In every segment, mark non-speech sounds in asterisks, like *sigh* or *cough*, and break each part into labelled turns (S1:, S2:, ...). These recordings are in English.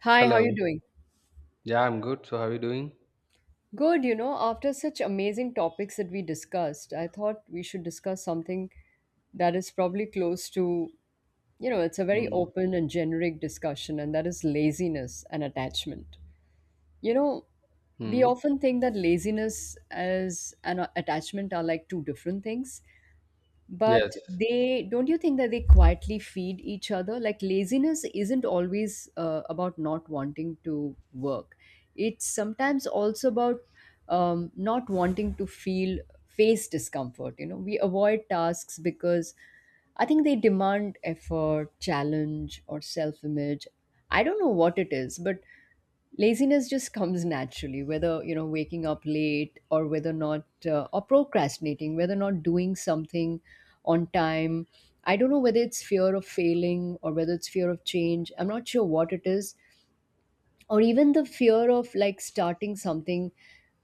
S1: Hi, how you
S2: Hello.
S1: doing?
S2: Yeah, I'm good. So, how are you doing?
S1: Good, you know, after such amazing topics that we discussed, I thought we should discuss something that is probably close to, it's a very
S2: Mm.
S1: open and generic discussion, and that is laziness and attachment. You know, we
S2: Mm.
S1: often think that laziness as an attachment are like two different things,
S2: Yes.
S1: but they don't. You think that they quietly feed each other? Like laziness isn't always about not wanting to work, it's sometimes also about not wanting to feel, face discomfort. You know, we avoid tasks because I think they demand effort, challenge, or self image. I don't know what it is, but laziness just comes naturally, whether waking up late, or whether not, or procrastinating, whether not doing something on time. I don't know whether it's fear of failing or whether it's fear of change. I'm not sure what it is, or even the fear of like starting something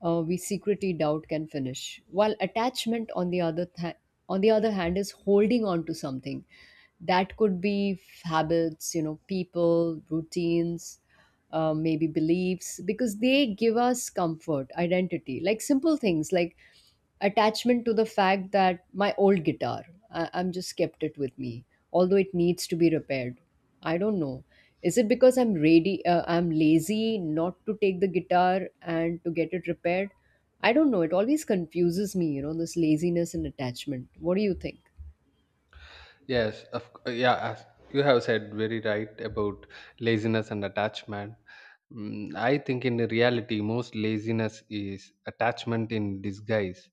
S1: we secretly doubt can finish. While attachment, on the other hand, is holding on to something that could be habits, you know, people, routines, maybe beliefs, because they give us comfort, identity. Like simple things like attachment to the fact that my old guitar, I'm just kept it with me although it needs to be repaired. I don't know, is it because I'm ready, I'm lazy not to take the guitar and to get it repaired? I don't know, it always confuses me, you know, this laziness and attachment. What do you think?
S2: Yes. Yeah. As you have said very right about laziness and attachment. I think in the reality, most laziness is attachment in disguise.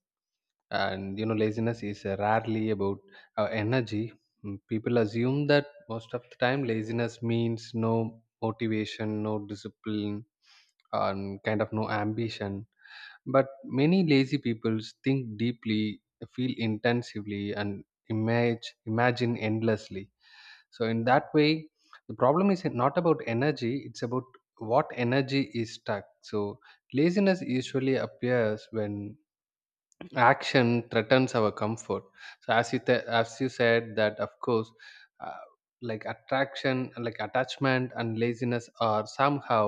S2: And, you know, laziness is rarely about energy. People assume that most of the time laziness means no motivation, no discipline, and kind of no ambition. But many lazy people think deeply, feel intensively, and image imagine endlessly. So in that way, the problem is not about energy; it's about what energy is stuck. So laziness usually appears when action threatens our comfort, so as you said, that of course, uh, like attraction like attachment and laziness are somehow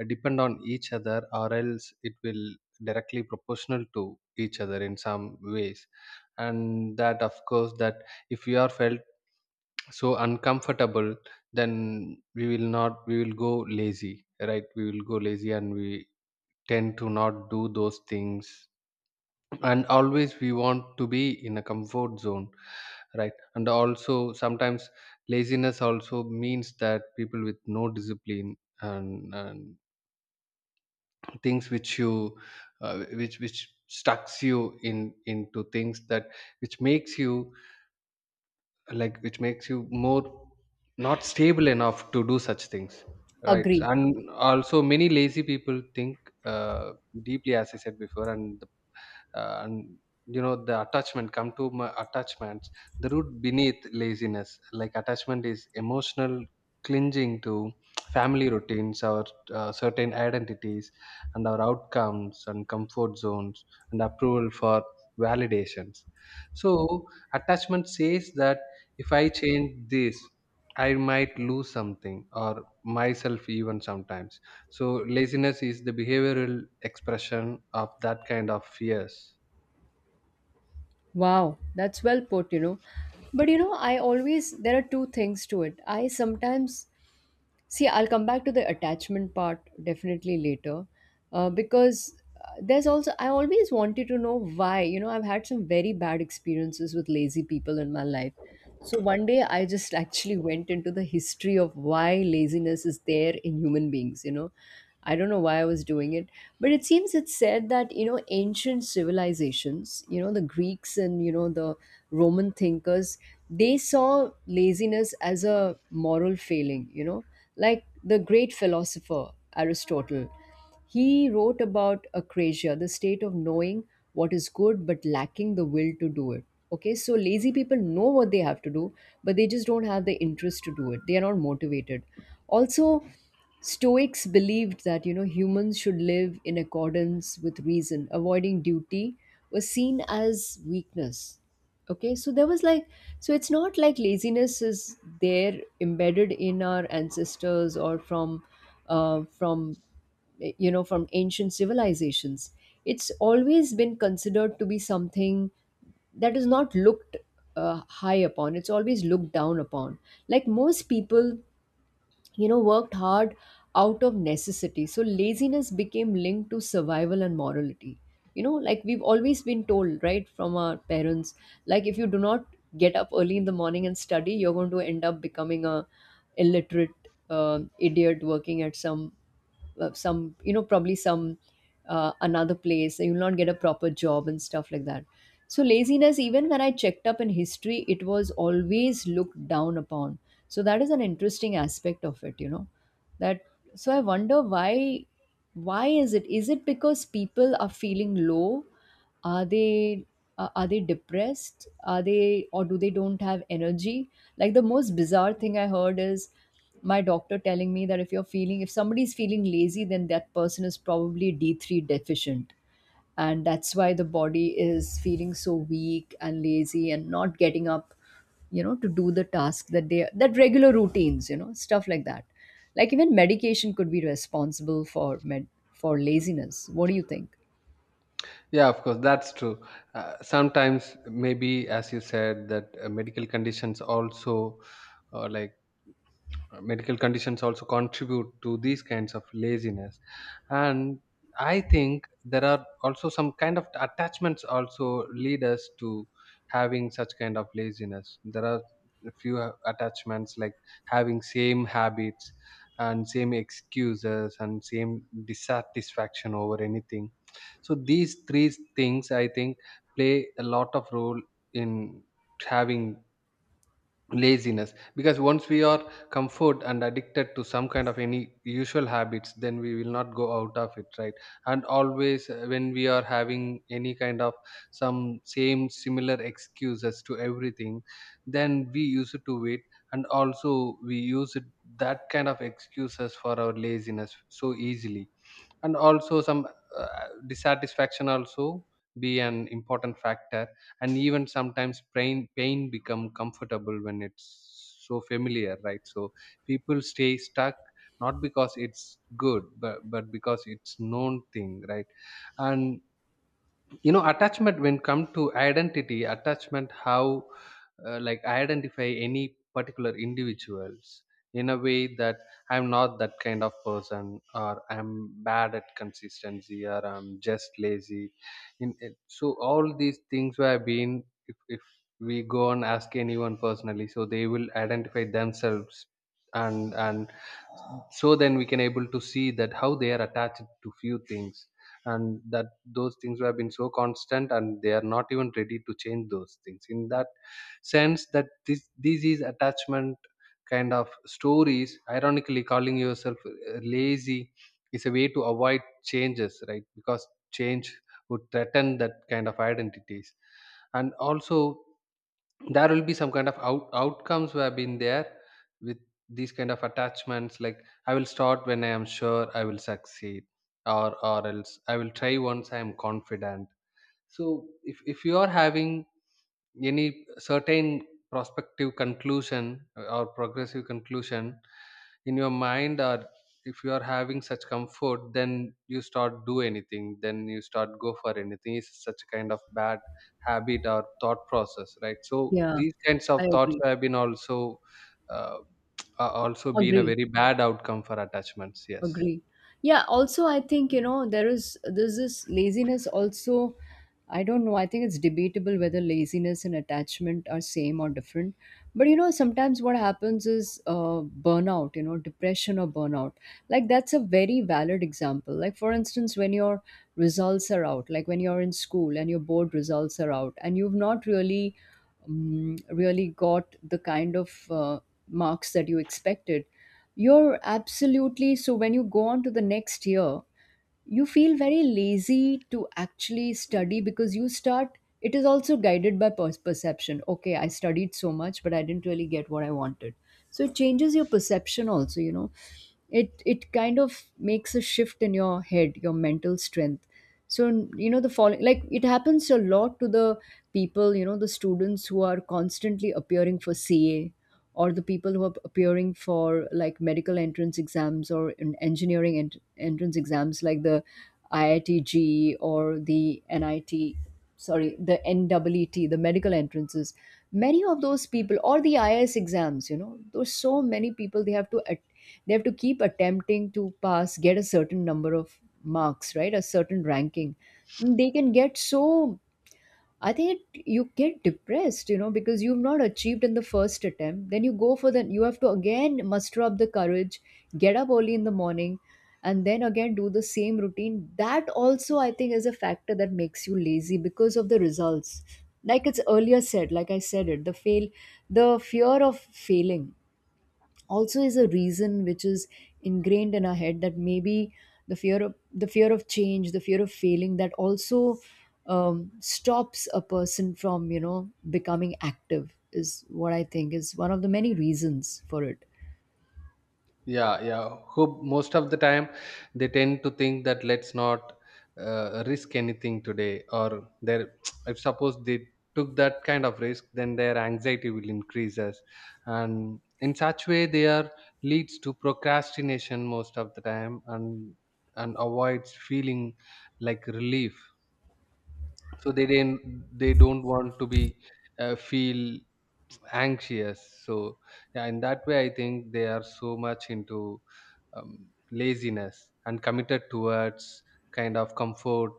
S2: depend on each other, or else it will directly proportional to each other in some ways. And that of course, that if we are felt so uncomfortable, then we will not we will go lazy, right? We will go lazy and we tend to not do those things, and always we want to be in a comfort zone, right? And also sometimes laziness also means that people with no discipline, and things which you which stucks you in into things that, which makes you, which makes you more not stable enough to do such things, right?
S1: Agree.
S2: And also many lazy people think uh, deeply, as I said before. And the and you know, the attachment come to my attachments. The root beneath laziness, like attachment, is emotional clinging to family routines, our certain identities, and our outcomes and comfort zones, and approval for validations. So attachment says that if I change this, I might lose something or myself even sometimes. So laziness is the behavioral expression of that kind of fears.
S1: Wow, that's well put, you know. But you know, I always, there are two things to it. I sometimes, see, I'll come back to the attachment part definitely later, because there's also, I always wanted to know why. You know, I've had some very bad experiences with lazy people in my life. So one day I just actually went into the history of why laziness is there in human beings, you know. I don't know why I was doing it, but it seems it's said that, you know, ancient civilizations, you know, the Greeks, and you know, the Roman thinkers, they saw laziness as a moral failing, you know. Like the great philosopher Aristotle, he wrote about acrasia, the state of knowing what is good but lacking the will to do it. Okay, so lazy people know what they have to do, but they just don't have the interest to do it. They are not motivated. Also, Stoics believed that, you know, humans should live in accordance with reason. Avoiding duty was seen as weakness. Okay, so there was like, so it's not like laziness is there embedded in our ancestors or from uh, from you know, from ancient civilizations. It's always been considered to be something that is not looked high upon. It's always looked down upon. Like most people, you know, worked hard out of necessity, so laziness became linked to survival and morality. You know, like we've always been told right from our parents, like, if you do not get up early in the morning and study, you're going to end up becoming a illiterate idiot working at some some, you know, probably some another place, so you'll not get a proper job and stuff like that. So laziness, even when I checked up in history, it was always looked down upon. So that is an interesting aspect of it, you know, that, so I wonder why. Why is it? Is it because people are feeling low? Are they, are they depressed? Are they, or do they don't have energy? Like the most bizarre thing I heard is my doctor telling me that if you're feeling, if somebody's feeling lazy, then that person is probably D3 deficient, and that's why the body is feeling so weak and lazy and not getting up, you know, to do the task that they, that regular routines, you know, stuff like that. Like even medication could be responsible for med, for laziness. What do you think?
S2: Yeah, of course, that's true. Sometimes, maybe as you said, that medical conditions also, uh, like medical conditions also contribute to these kinds of laziness. And I think there are also some kind of attachments also lead us to having such kind of laziness. There are a few attachments like having same habits, and same excuses, and same dissatisfaction over anything. So these three things, I think, play a lot of role in having laziness, because once we are comfort and addicted to some kind of any usual habits, then we will not go out of it, right? And always, when we are having any kind of some same similar excuses to everything, then we use it to it. And also we use it, that kind of excuses for our laziness so easily. And also some uh, dissatisfaction also be an important factor. And even sometimes pain become comfortable when it's so familiar, right? So people stay stuck not because it's good, but because it's known thing, right? And you know, attachment when come to identity attachment, how like identify any particular individuals in a way that, I'm not that kind of person, or I'm bad at consistency, or I'm just lazy in it. So all these things where I've been, if we go and ask anyone personally, so they will identify themselves. And so then we can able to see that how they are attached to few things, and that those things have been so constant and they are not even ready to change those things in that sense. That this is attachment kind of stories. Ironically, calling yourself lazy is a way to avoid changes, right? Because change would threaten that kind of identities. And also there will be some kind of outcomes we have been there with these kind of attachments, like I will start when I am sure I will succeed, or else I will try once I am confident. So if you are having any certain prospective conclusion, or progressive conclusion in your mind, or if you are having such comfort, then you start do anything, then you start go for anything. It's such a kind of bad habit or thought process, right? So
S1: Yeah.
S2: these kinds of
S1: I
S2: thoughts
S1: agree.
S2: have been also uh, *tsk* also been a
S1: Agree,
S2: very bad outcome for attachments, yes.
S1: agree. Yeah, also I think, you know, there's this laziness also. I don't know, I think it's debatable whether laziness and attachment are same or different. But you know, sometimes what happens is burnout, you know, depression or burnout. Like that's a very valid example. Like for instance, when your results are out, like when you're in school and your board results are out and you've not really really got the kind of marks that you expected, you're absolutely, so when you go on to the next year, you feel very lazy to actually study because you start, it is also guided by perception. Okay, I studied so much, but I didn't really get what I wanted. So it changes your perception also, you know, it kind of makes a shift in your head, your mental strength. So, you know, the following, like it happens a lot to the people, you know, the students who are constantly appearing for CA, or the people who are appearing for like medical entrance exams or in engineering entrance exams, like the IITG or the NIT, sorry, the NWET, the medical entrances. Many of those people, or the IS exams, you know, there's so many people they have to attend, they have to keep attempting to pass, get a certain number of marks, right? A certain ranking. They can get, so, I think it, you get depressed, you know, because you've not achieved in the first attempt. Then you go for the, you have to again muster up the courage, get up early in the morning, and then again do the same routine. That also, I think, is a factor that makes you lazy because of the results. Like it's earlier said, like I said it, the fear of failing also is a reason which is ingrained in our head that maybe the fear of change, the fear of failing, that also stops a person from, you know, becoming active, is what I think is one of the many reasons for it.
S2: Yeah, who most of the time, they tend to think that, let's not risk anything today. Or their *tsk* if suppose they took that kind of risk, then their anxiety will increases. And in such way they are leads to procrastination most of the time, and avoids feeling like relief. So they don't want to be feel anxious. So yeah, in that way I think they are so much into laziness, and committed towards kind of comfort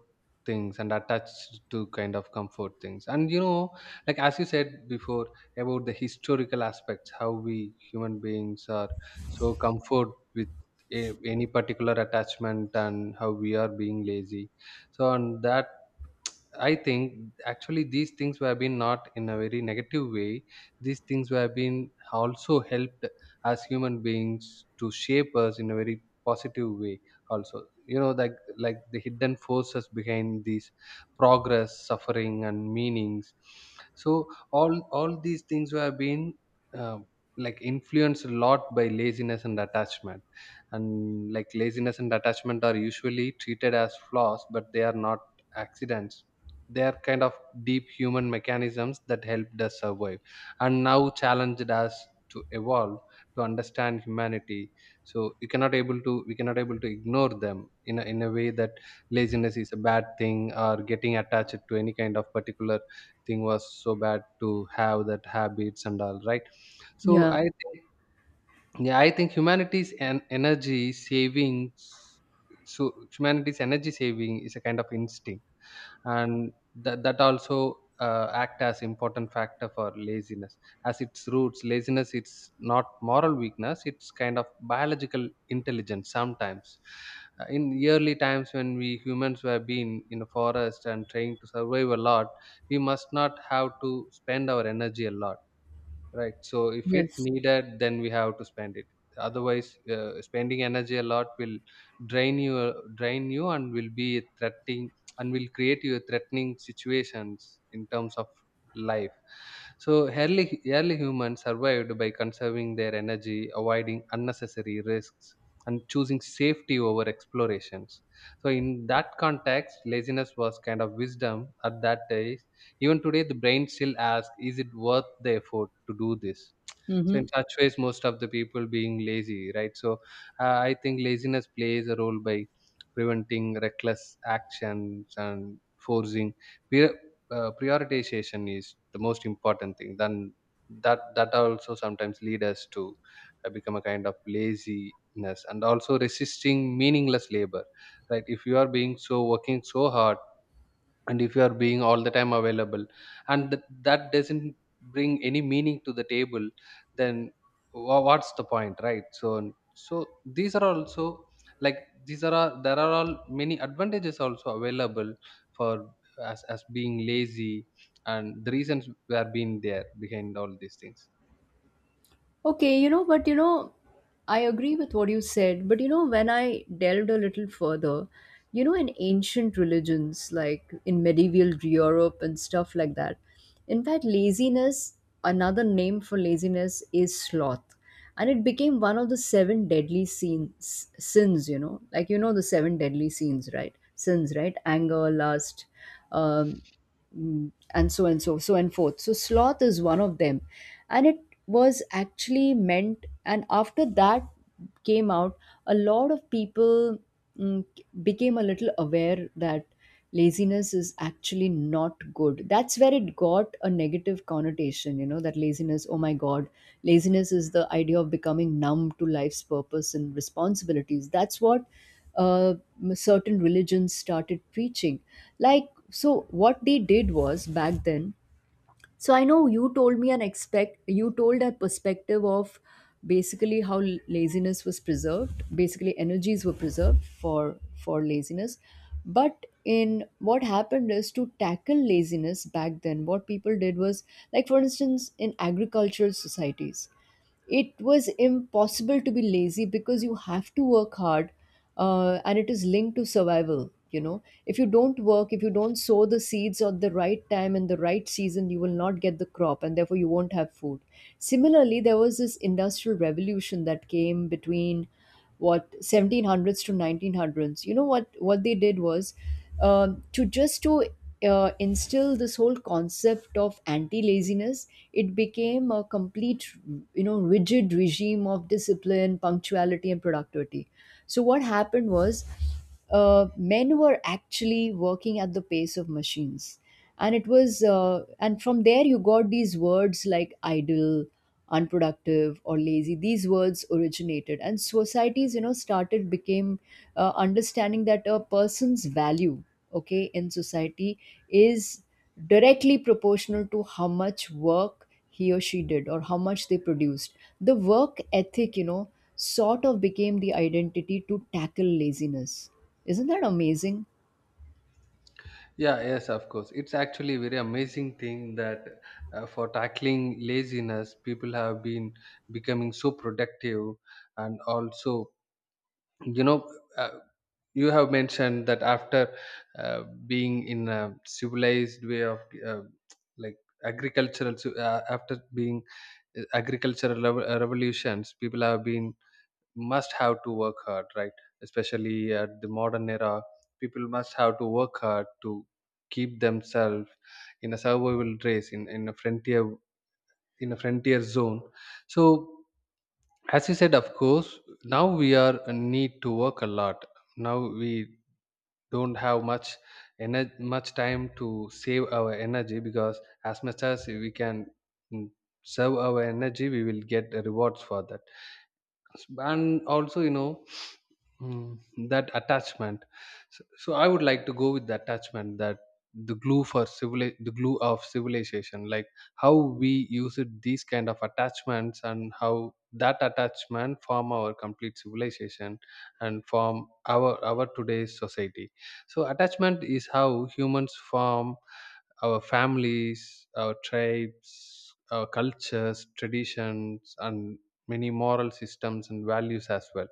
S2: things, and attached to kind of comfort things. And you know, like as you said before about the historical aspects, how we human beings are so comfort with any particular attachment, and how we are being lazy. So on that, I think actually these things were been not in a very negative way. These things were been also helped as human beings to shape us in a very positive way. Also, you know, like the hidden forces behind these progress, suffering, and meanings. So all these things were been uh, like influenced a lot by laziness and attachment. And like laziness and attachment are usually treated as flaws, but they are not accidents. They are kind of deep human mechanisms that helped us survive and now challenged us to evolve, to understand humanity. So you cannot able to we cannot able to ignore them in in a way that laziness is a bad thing, or getting attached to any kind of particular thing was so bad to have that habits and all, right? So
S1: Yeah.
S2: I think, yeah, I think humanity's and energy savings, so humanity's energy saving is a kind of instinct. And that also act as important factor for laziness. As its roots, laziness, it's not moral weakness, it's kind of biological intelligence sometimes. In early times when we humans were being in a forest and trying to survive a lot, we must not have to spend our energy a lot, right? So if it
S1: Yes.
S2: needed, then we have to spend it. Otherwise, spending energy a lot will drain you, and will be threatening, and will create you threatening situations in terms of life. So early humans survived by conserving their energy, avoiding unnecessary risks, and choosing safety over explorations. So in that context, laziness was kind of wisdom at that day. Even today, the brain still asks, is it worth the effort to do this? So
S1: Mm-hmm.
S2: in such ways, most of the people being lazy, right? So I think laziness plays a role by preventing reckless actions, and forcing prior- prioritization is the most important thing. Then that also sometimes lead us to become a kind of laziness, and also resisting meaningless labor, right? If you are being so working so hard, and if you are being all the time available, and that doesn't bring any meaning to the table, then what's the point, right? So so these are also, like, these are there are all many advantages also available for, as being lazy, and the reasons were being there behind all these things.
S1: Okay, you know, but you know, I agree with what you said, but you know, when I delved a little further, you know, in ancient religions, like in medieval Europe and stuff like that, in fact, laziness, another name for laziness is sloth. And it became one of the seven deadly sins, sins, you know, like, you know, the seven deadly sins, right? Sins, right? Anger, lust, um, and so, so and forth. So, sloth is one of them. And it was actually meant, and after that came out, a lot of people mm, became a little aware that laziness is actually not good. That's where it got a negative connotation, you know, that laziness, oh my god, laziness is the idea of becoming numb to life's purpose and responsibilities. That's what uh, certain religions started preaching. Like, so what they did was back then, so I know you told me an expect, you told a perspective of basically how laziness was preserved, basically energies were preserved for laziness. But in what happened is to tackle laziness back then, what people did was, like for instance, in agricultural societies it was impossible to be lazy because you have to work hard, and it is linked to survival. You know, if you don't work, if you don't sow the seeds at the right time in the right season, you will not get the crop, and therefore you won't have food. Similarly, there was this industrial revolution that came between what, 1700s to 1900s. You know, what they did was to just to instill this whole concept of anti-laziness. It became a complete, you know, rigid regime of discipline, punctuality, and productivity. So what happened was men were actually working at the pace of machines. And it was and from there you got these words like idle, unproductive, or lazy. These words originated, and societies, you know, started became understanding that a person's value, okay, in society, is directly proportional to how much work he or she did or how much they produced. The work ethic, you know, sort of became the identity to tackle laziness. Isn't that amazing?
S2: Yeah, yes of course, it's actually a very amazing thing that for tackling laziness, people have been becoming so productive. And also, you know, uh, you have mentioned that after being in a civilized way of uh, like after being revolutions, people have been must have to work hard, right? Especially at the modern era, people must have to work hard to keep themselves in a survival race, in a frontier, in a frontier zone. So as you said, of course, now we are need to work a lot. Now we don't have much energy, much time to save our energy, because as much as we can, mm, serve our energy, we will get rewards for that. And also you know, mm, that attachment. So I would like to go with the attachment, that the glue for civil the glue of civilization, like how we use it these kind of attachments, and how that attachment form our complete civilization, and form our today's society. So attachment is how humans form our families, our tribes, our cultures, traditions, and many moral systems and values as well.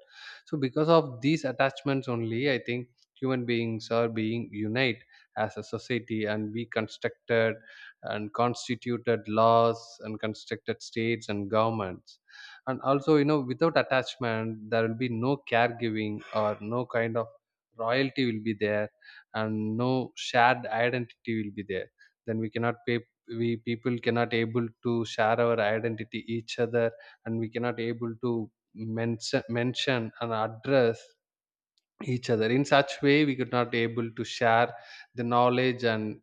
S2: So because of these attachments only, I think human beings are being unite as a society, and we constructed and constituted laws, and constructed states and governments. And also, you know, without attachment, there will be no caregiving or no kind of royalty will be there, and no shared identity will be there. Then we cannot pay we people cannot able to share our identity each other, and we cannot able to mention and address each other in such way. We could not able to share the knowledge and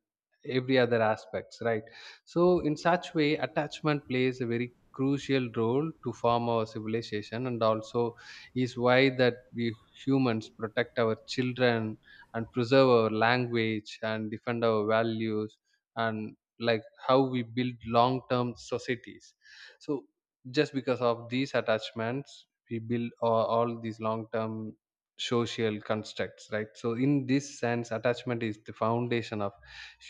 S2: every other aspects, right? So in such way, attachment plays a very crucial role to form our civilization, and also is why that we humans protect our children and preserve our language and defend our values and like how we build long term societies. So just because of these attachments we build all these long term social constructs, right? So in this sense, attachment is the foundation of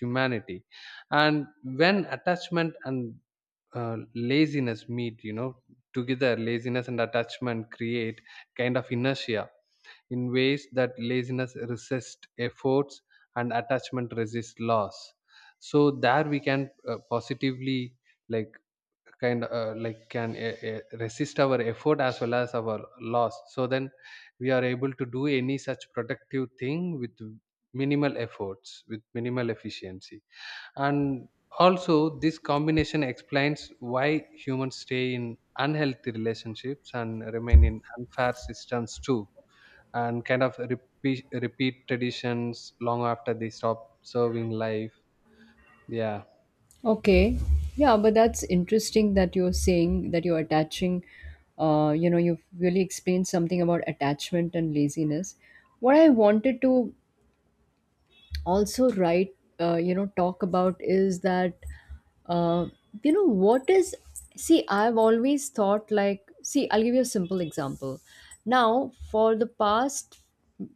S2: humanity. And when attachment and laziness meet, you know, together laziness and attachment create kind of inertia, in ways that laziness resists efforts and attachment resists loss. So there we can positively, like, kind like can resist our effort as well as our loss. So then we are able to do any such productive thing with minimal efforts, with minimal efficiency. And also, this combination explains why humans stay in unhealthy relationships and remain in unfair systems too, and kind of repeat traditions long after they stop serving life. Yeah.
S1: Okay. Yeah, but that's interesting that you're saying that you're attaching, you know, you've really explained something about attachment and laziness. What I wanted to also right talk about is that uh, you know what is see, I've always thought, like, see, I'll give you a simple example. Now, for the past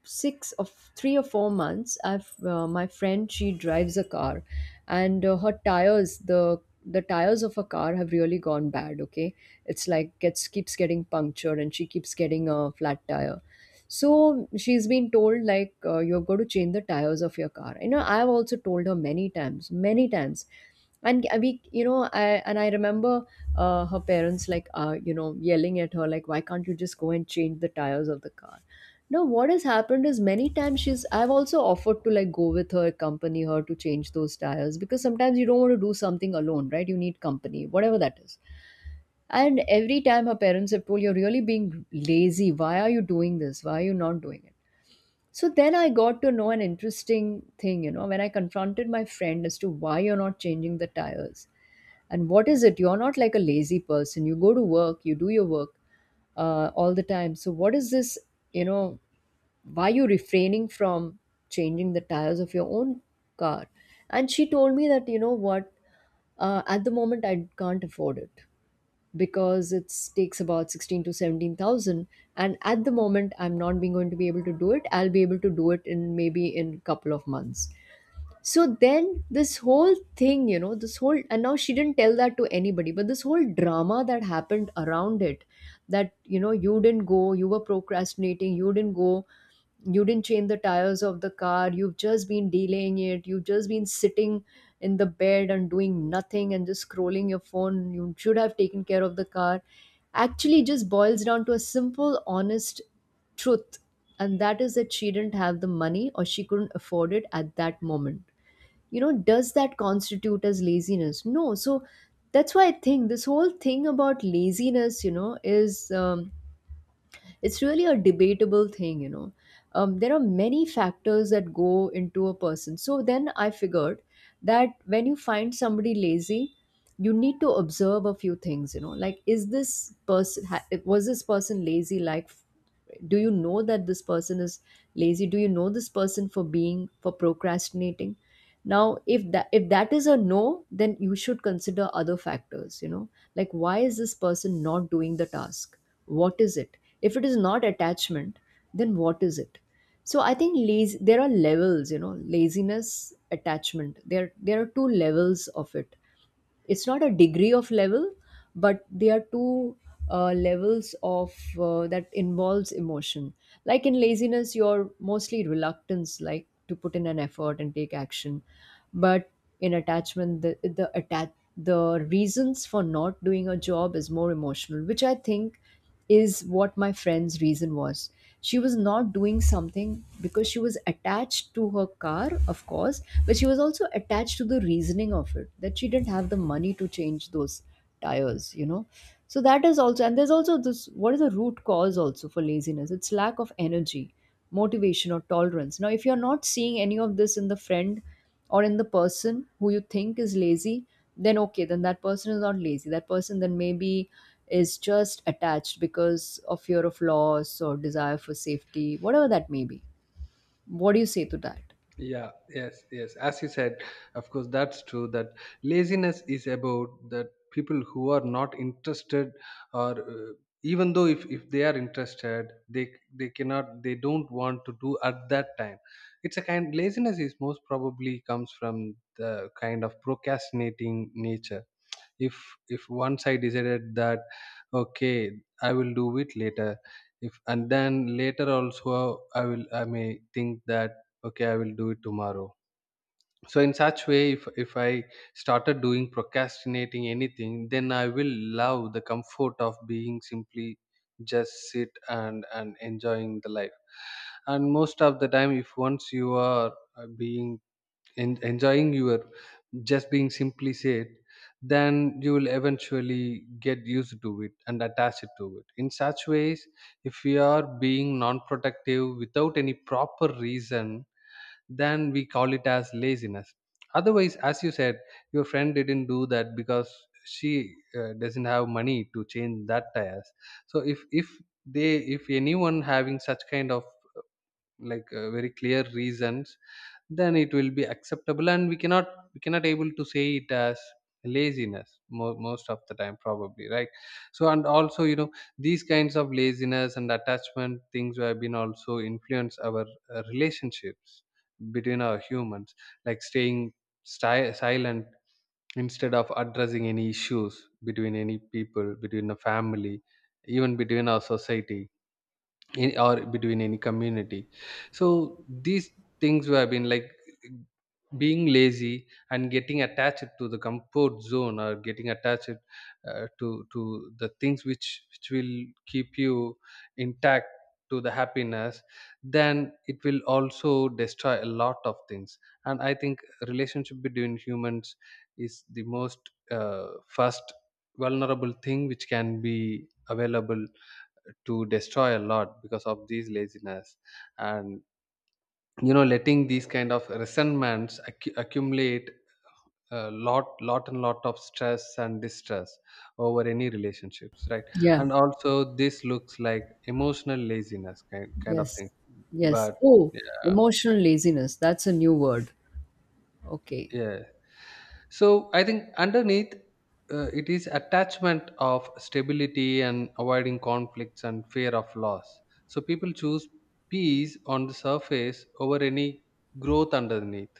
S1: six of 3 or 4 months, I've my friend, she drives a car, and her tires, the tires of her car have really gone bad. Okay, it's like gets keeps getting punctured and she keeps getting a flat tire. So she's been told, like, you're going to change the tires of your car. You know, I've also told her many times, many times. And we, you know, I remember her parents like, yelling at her like, why can't you just go and change the tires of the car? Now, what has happened is, many times she's. I've also offered to, like, go with her, accompany her to change those tires, because sometimes you don't want to do something alone, right? You need company, whatever that is. And every time her parents have told, you're really being lazy. Why are you doing this? Why are you not doing it? So then I got to know an interesting thing, you know, when I confronted my friend as to why you're not changing the tires and what is it. You're not like a lazy person. You go to work, you do your work all the time. So what is this, you know, why you refraining from changing the tires of your own car? And she told me that, you know what, at the moment I can't afford it because it takes about 16 to 17,000, and at the moment I'm not being going to be able to do it. I'll be able to do it in maybe in couple of months. So then this whole thing, you know, this whole, and now she didn't tell that to anybody, but this whole drama that happened around it, that, you know, you didn't go, you were procrastinating, you didn't go, you didn't change the tires of the car, you've just been delaying it, you've just been sitting in the bed and doing nothing and just scrolling your phone, you should have taken care of the car, actually just boils down to a simple, honest truth, and that is that she didn't have the money, or she couldn't afford it at that moment. You know, does that constitute as laziness? No. So that's why I think this whole thing about laziness, you know is it's really a debatable thing, there are many factors that go into a person. So then I figured that when you find somebody lazy, you need to observe a few things, you know, like, is this person was this person lazy? Like, do you know that this person is lazy? Do you know this person for being, for procrastinating? Now, if that is a no, then you should consider other factors, you know, like, why is this person not doing the task? What is it? If it is not attachment, then what is it? So I think lazy there are levels, you know. Laziness, attachment, there are two levels of it. It's not a degree of level, but there are two levels of that involves emotion. Like, in laziness, you're mostly reluctance, like, to put in an effort and take action. But in attachment, the reasons for not doing a job is more emotional, which I think is what my friend's reason was. She was not doing something because she was attached to her car, of course, but she was also attached to the reasoning of it, that she didn't have the money to change those tires, you know. So that is also, and there's also this, what is the root cause also for laziness? It's lack of energy, motivation, or tolerance. Now, if you're not seeing any of this in the friend or in the person who you think is lazy, then, okay, then that person is not lazy. That person then maybe is just attached because of fear of loss or desire for safety, whatever that may be. What do you say to that?
S2: Yeah, yes, as you said, of course that's true, that laziness is about that people who are not interested, or even though if they are interested, they don't want to do at that time. It's a kind, laziness is most probably comes from the kind of procrastinating nature. If if once I decided that, okay, I will do it later, if and then later also I may think that, okay, I will do it tomorrow. So in such way, if I started doing procrastinating anything, then I will love the comfort of being simply just sit and enjoying the life. And most of the time, if once you are being enjoying your just being simply said, then you will eventually get used to it and attach it to it. In such ways, if we are being non productive without any proper reason, then we call it as laziness. Otherwise, as you said, your friend didn't do that because she doesn't have money to change that tires. So if anyone having such kind of like very clear reasons, then it will be acceptable and we cannot, we cannot able to say it as laziness most of the time probably, right? So and also, you know, these kinds of laziness and attachment things have been also influence our relationships between our humans, like staying silent instead of addressing any issues between any people, between the family, even between our society in, or between any community. So these things were been like being lazy and getting attached to the comfort zone, or getting attached to the things which will keep you intact to the happiness, then it will also destroy a lot of things. And I think relationship between humans is the most first vulnerable thing which can be available to destroy a lot because of these laziness. And, you know, letting these kind of resentments accumulate a lot, lot and lot of stress and distress over any relationships, right?
S1: Yeah,
S2: And also this looks like emotional laziness kind of thing,
S1: yes, yes.
S2: but
S1: Oh,
S2: yeah.
S1: emotional laziness. That's a new word. Okay.
S2: Yeah. So I think underneath it is attachment of stability and avoiding conflicts and fear of loss. So people choose peace on the surface over any growth underneath.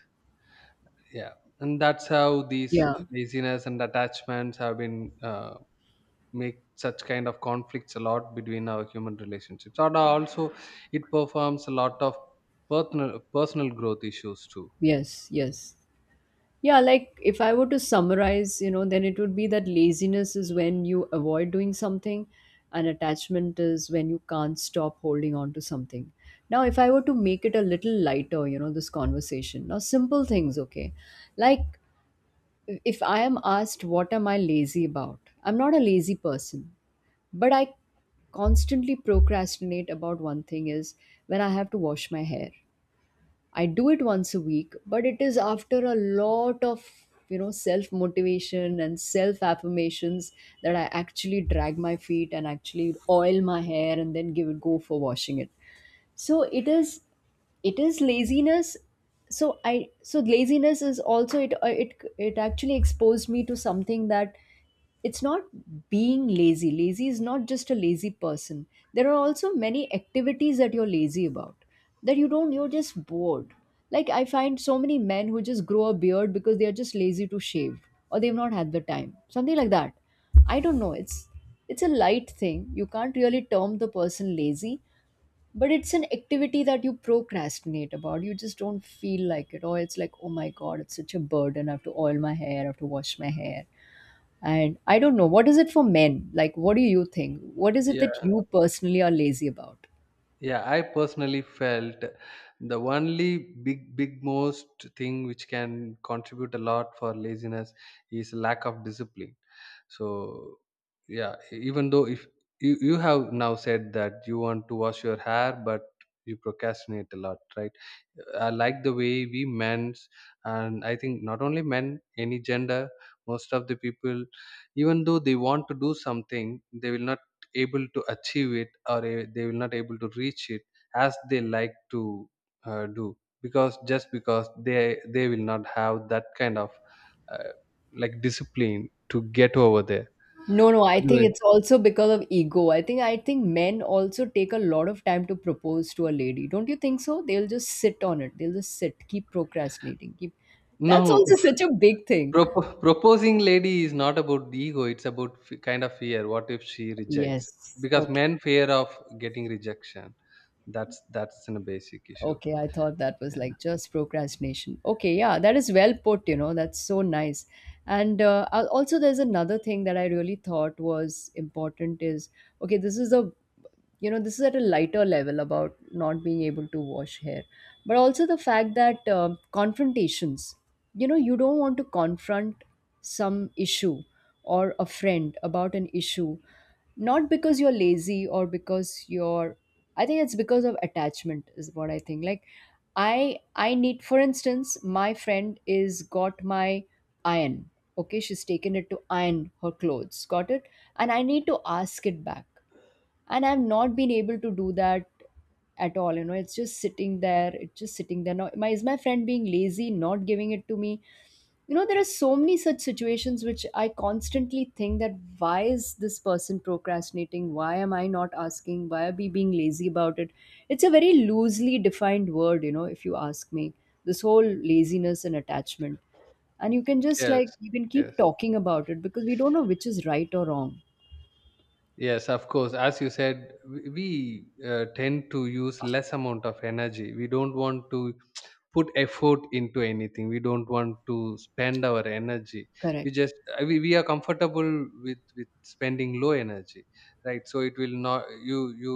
S2: Yeah, and that's how these
S1: Yeah,
S2: laziness and attachments have been make such kind of conflicts a lot between our human relationships. And also, it performs a lot of personal growth issues too.
S1: yes, yes. Yeah, like, if I were to summarize, you know, then it would be that laziness is when you avoid doing something, and attachment is when you can't stop holding on to something. Now, if I were to make it a little lighter, you know, this conversation, now simple things, okay? Like, if I am asked, what am I lazy about? I'm not a lazy person, but I constantly procrastinate about one thing is when I have to wash my hair. I do it once a week, but it is after a lot of, you know, self motivation and self affirmations, that I actually drag my feet and actually oil my hair and then give it go for washing it. So it is, it is laziness. So I so laziness is also, it actually exposed me to something, that it's not being lazy. Lazy is not just a lazy person. There are also many activities that you're lazy about, that you don't, you're just bored. Like, I find so many men who just grow a beard because they are just lazy to shave, or they've not had the time, something like that. I don't know, it's a light thing. You can't really term the person lazy, but it's an activity that you procrastinate about, you just don't feel like it, or it's like, oh my god, it's such a burden, I have to oil my hair, I have to wash my hair. And I don't know what is it for men, like, what do you think, what is it that
S2: Yeah.
S1: you personally are lazy about?
S2: Yeah, I personally felt the only big most thing which can contribute a lot for laziness is lack of discipline. So, yeah, even though if you have now said that you want to wash your hair, but you procrastinate a lot, right? I like the way we men's, and I think not only men, any gender, most of the people, even though they want to do something, they will not able to achieve it, or they will not able to reach it as they like to do, because just because they will not have that kind of uh, like discipline to get over there.
S1: No, no, I think
S2: Otherwise,
S1: it's also because of ego. I think, I think men also take a lot of time to propose to a lady, don't you think? So they'll just sit on it, they'll just sit, keep procrastinating, keep, that's
S2: no,
S1: also such a big thing.
S2: proposing lady is not about the ego. It's about kind of fear. What if she rejects?
S1: Yes.
S2: Because
S1: Okay.
S2: men fear of getting rejection. That's a basic issue.
S1: Okay, I thought that was
S2: Yeah.
S1: like just procrastination. Okay, yeah, that is well put, you know, that's so nice. And also, there's another thing that I really thought was important is, okay, this is a, you know, this is at a lighter level about not being able to wash hair, but also the fact that confrontations, you know, you don't want to confront some issue or a friend about an issue, not because you're lazy or because you're, I think it's because of attachment, is what I think. Like, I need, for instance, my friend is got my iron. Okay, she's taken it to iron her clothes. Got it? And I need to ask it back. And I've not been able to do that at all. You know, it's just sitting there. It's just sitting there. Now, my, is my friend being lazy, not giving it to me? You know, there are so many such situations which I constantly think, that why is this person procrastinating, why am I not asking, why are we being lazy about it? It's a very loosely defined word, you know, if you ask me. This whole laziness and attachment, and you can just,
S2: Yes.
S1: like, you can
S2: Yes.
S1: keep talking about it, because we don't know which is right or wrong.
S2: Yes, of course. As you said, we tend to use less amount of energy. We don't want to put effort into anything. We don't want to spend our energy. We
S1: Correct.
S2: just we are comfortable with spending low energy, right? So it will not, you you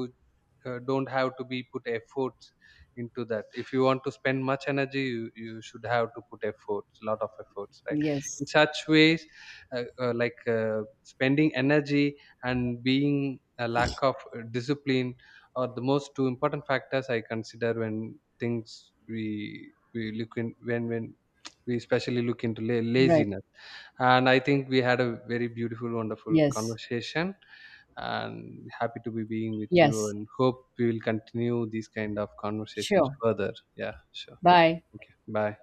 S2: uh, don't have to be put efforts into that. If you want to spend much energy, you should have to put efforts, lot of efforts, right?
S1: Yes.
S2: In such ways, like spending energy and being a lack of discipline are the most two important factors I consider when things we look in, when we especially look into
S1: Right.
S2: laziness. And I think we had a very beautiful wonderful
S1: Yes,
S2: conversation, and happy to be being with you,
S1: yes.
S2: and hope we will continue these kind of conversations
S1: Sure.
S2: further. Yeah. Sure.
S1: Bye.
S2: Thank you. Bye.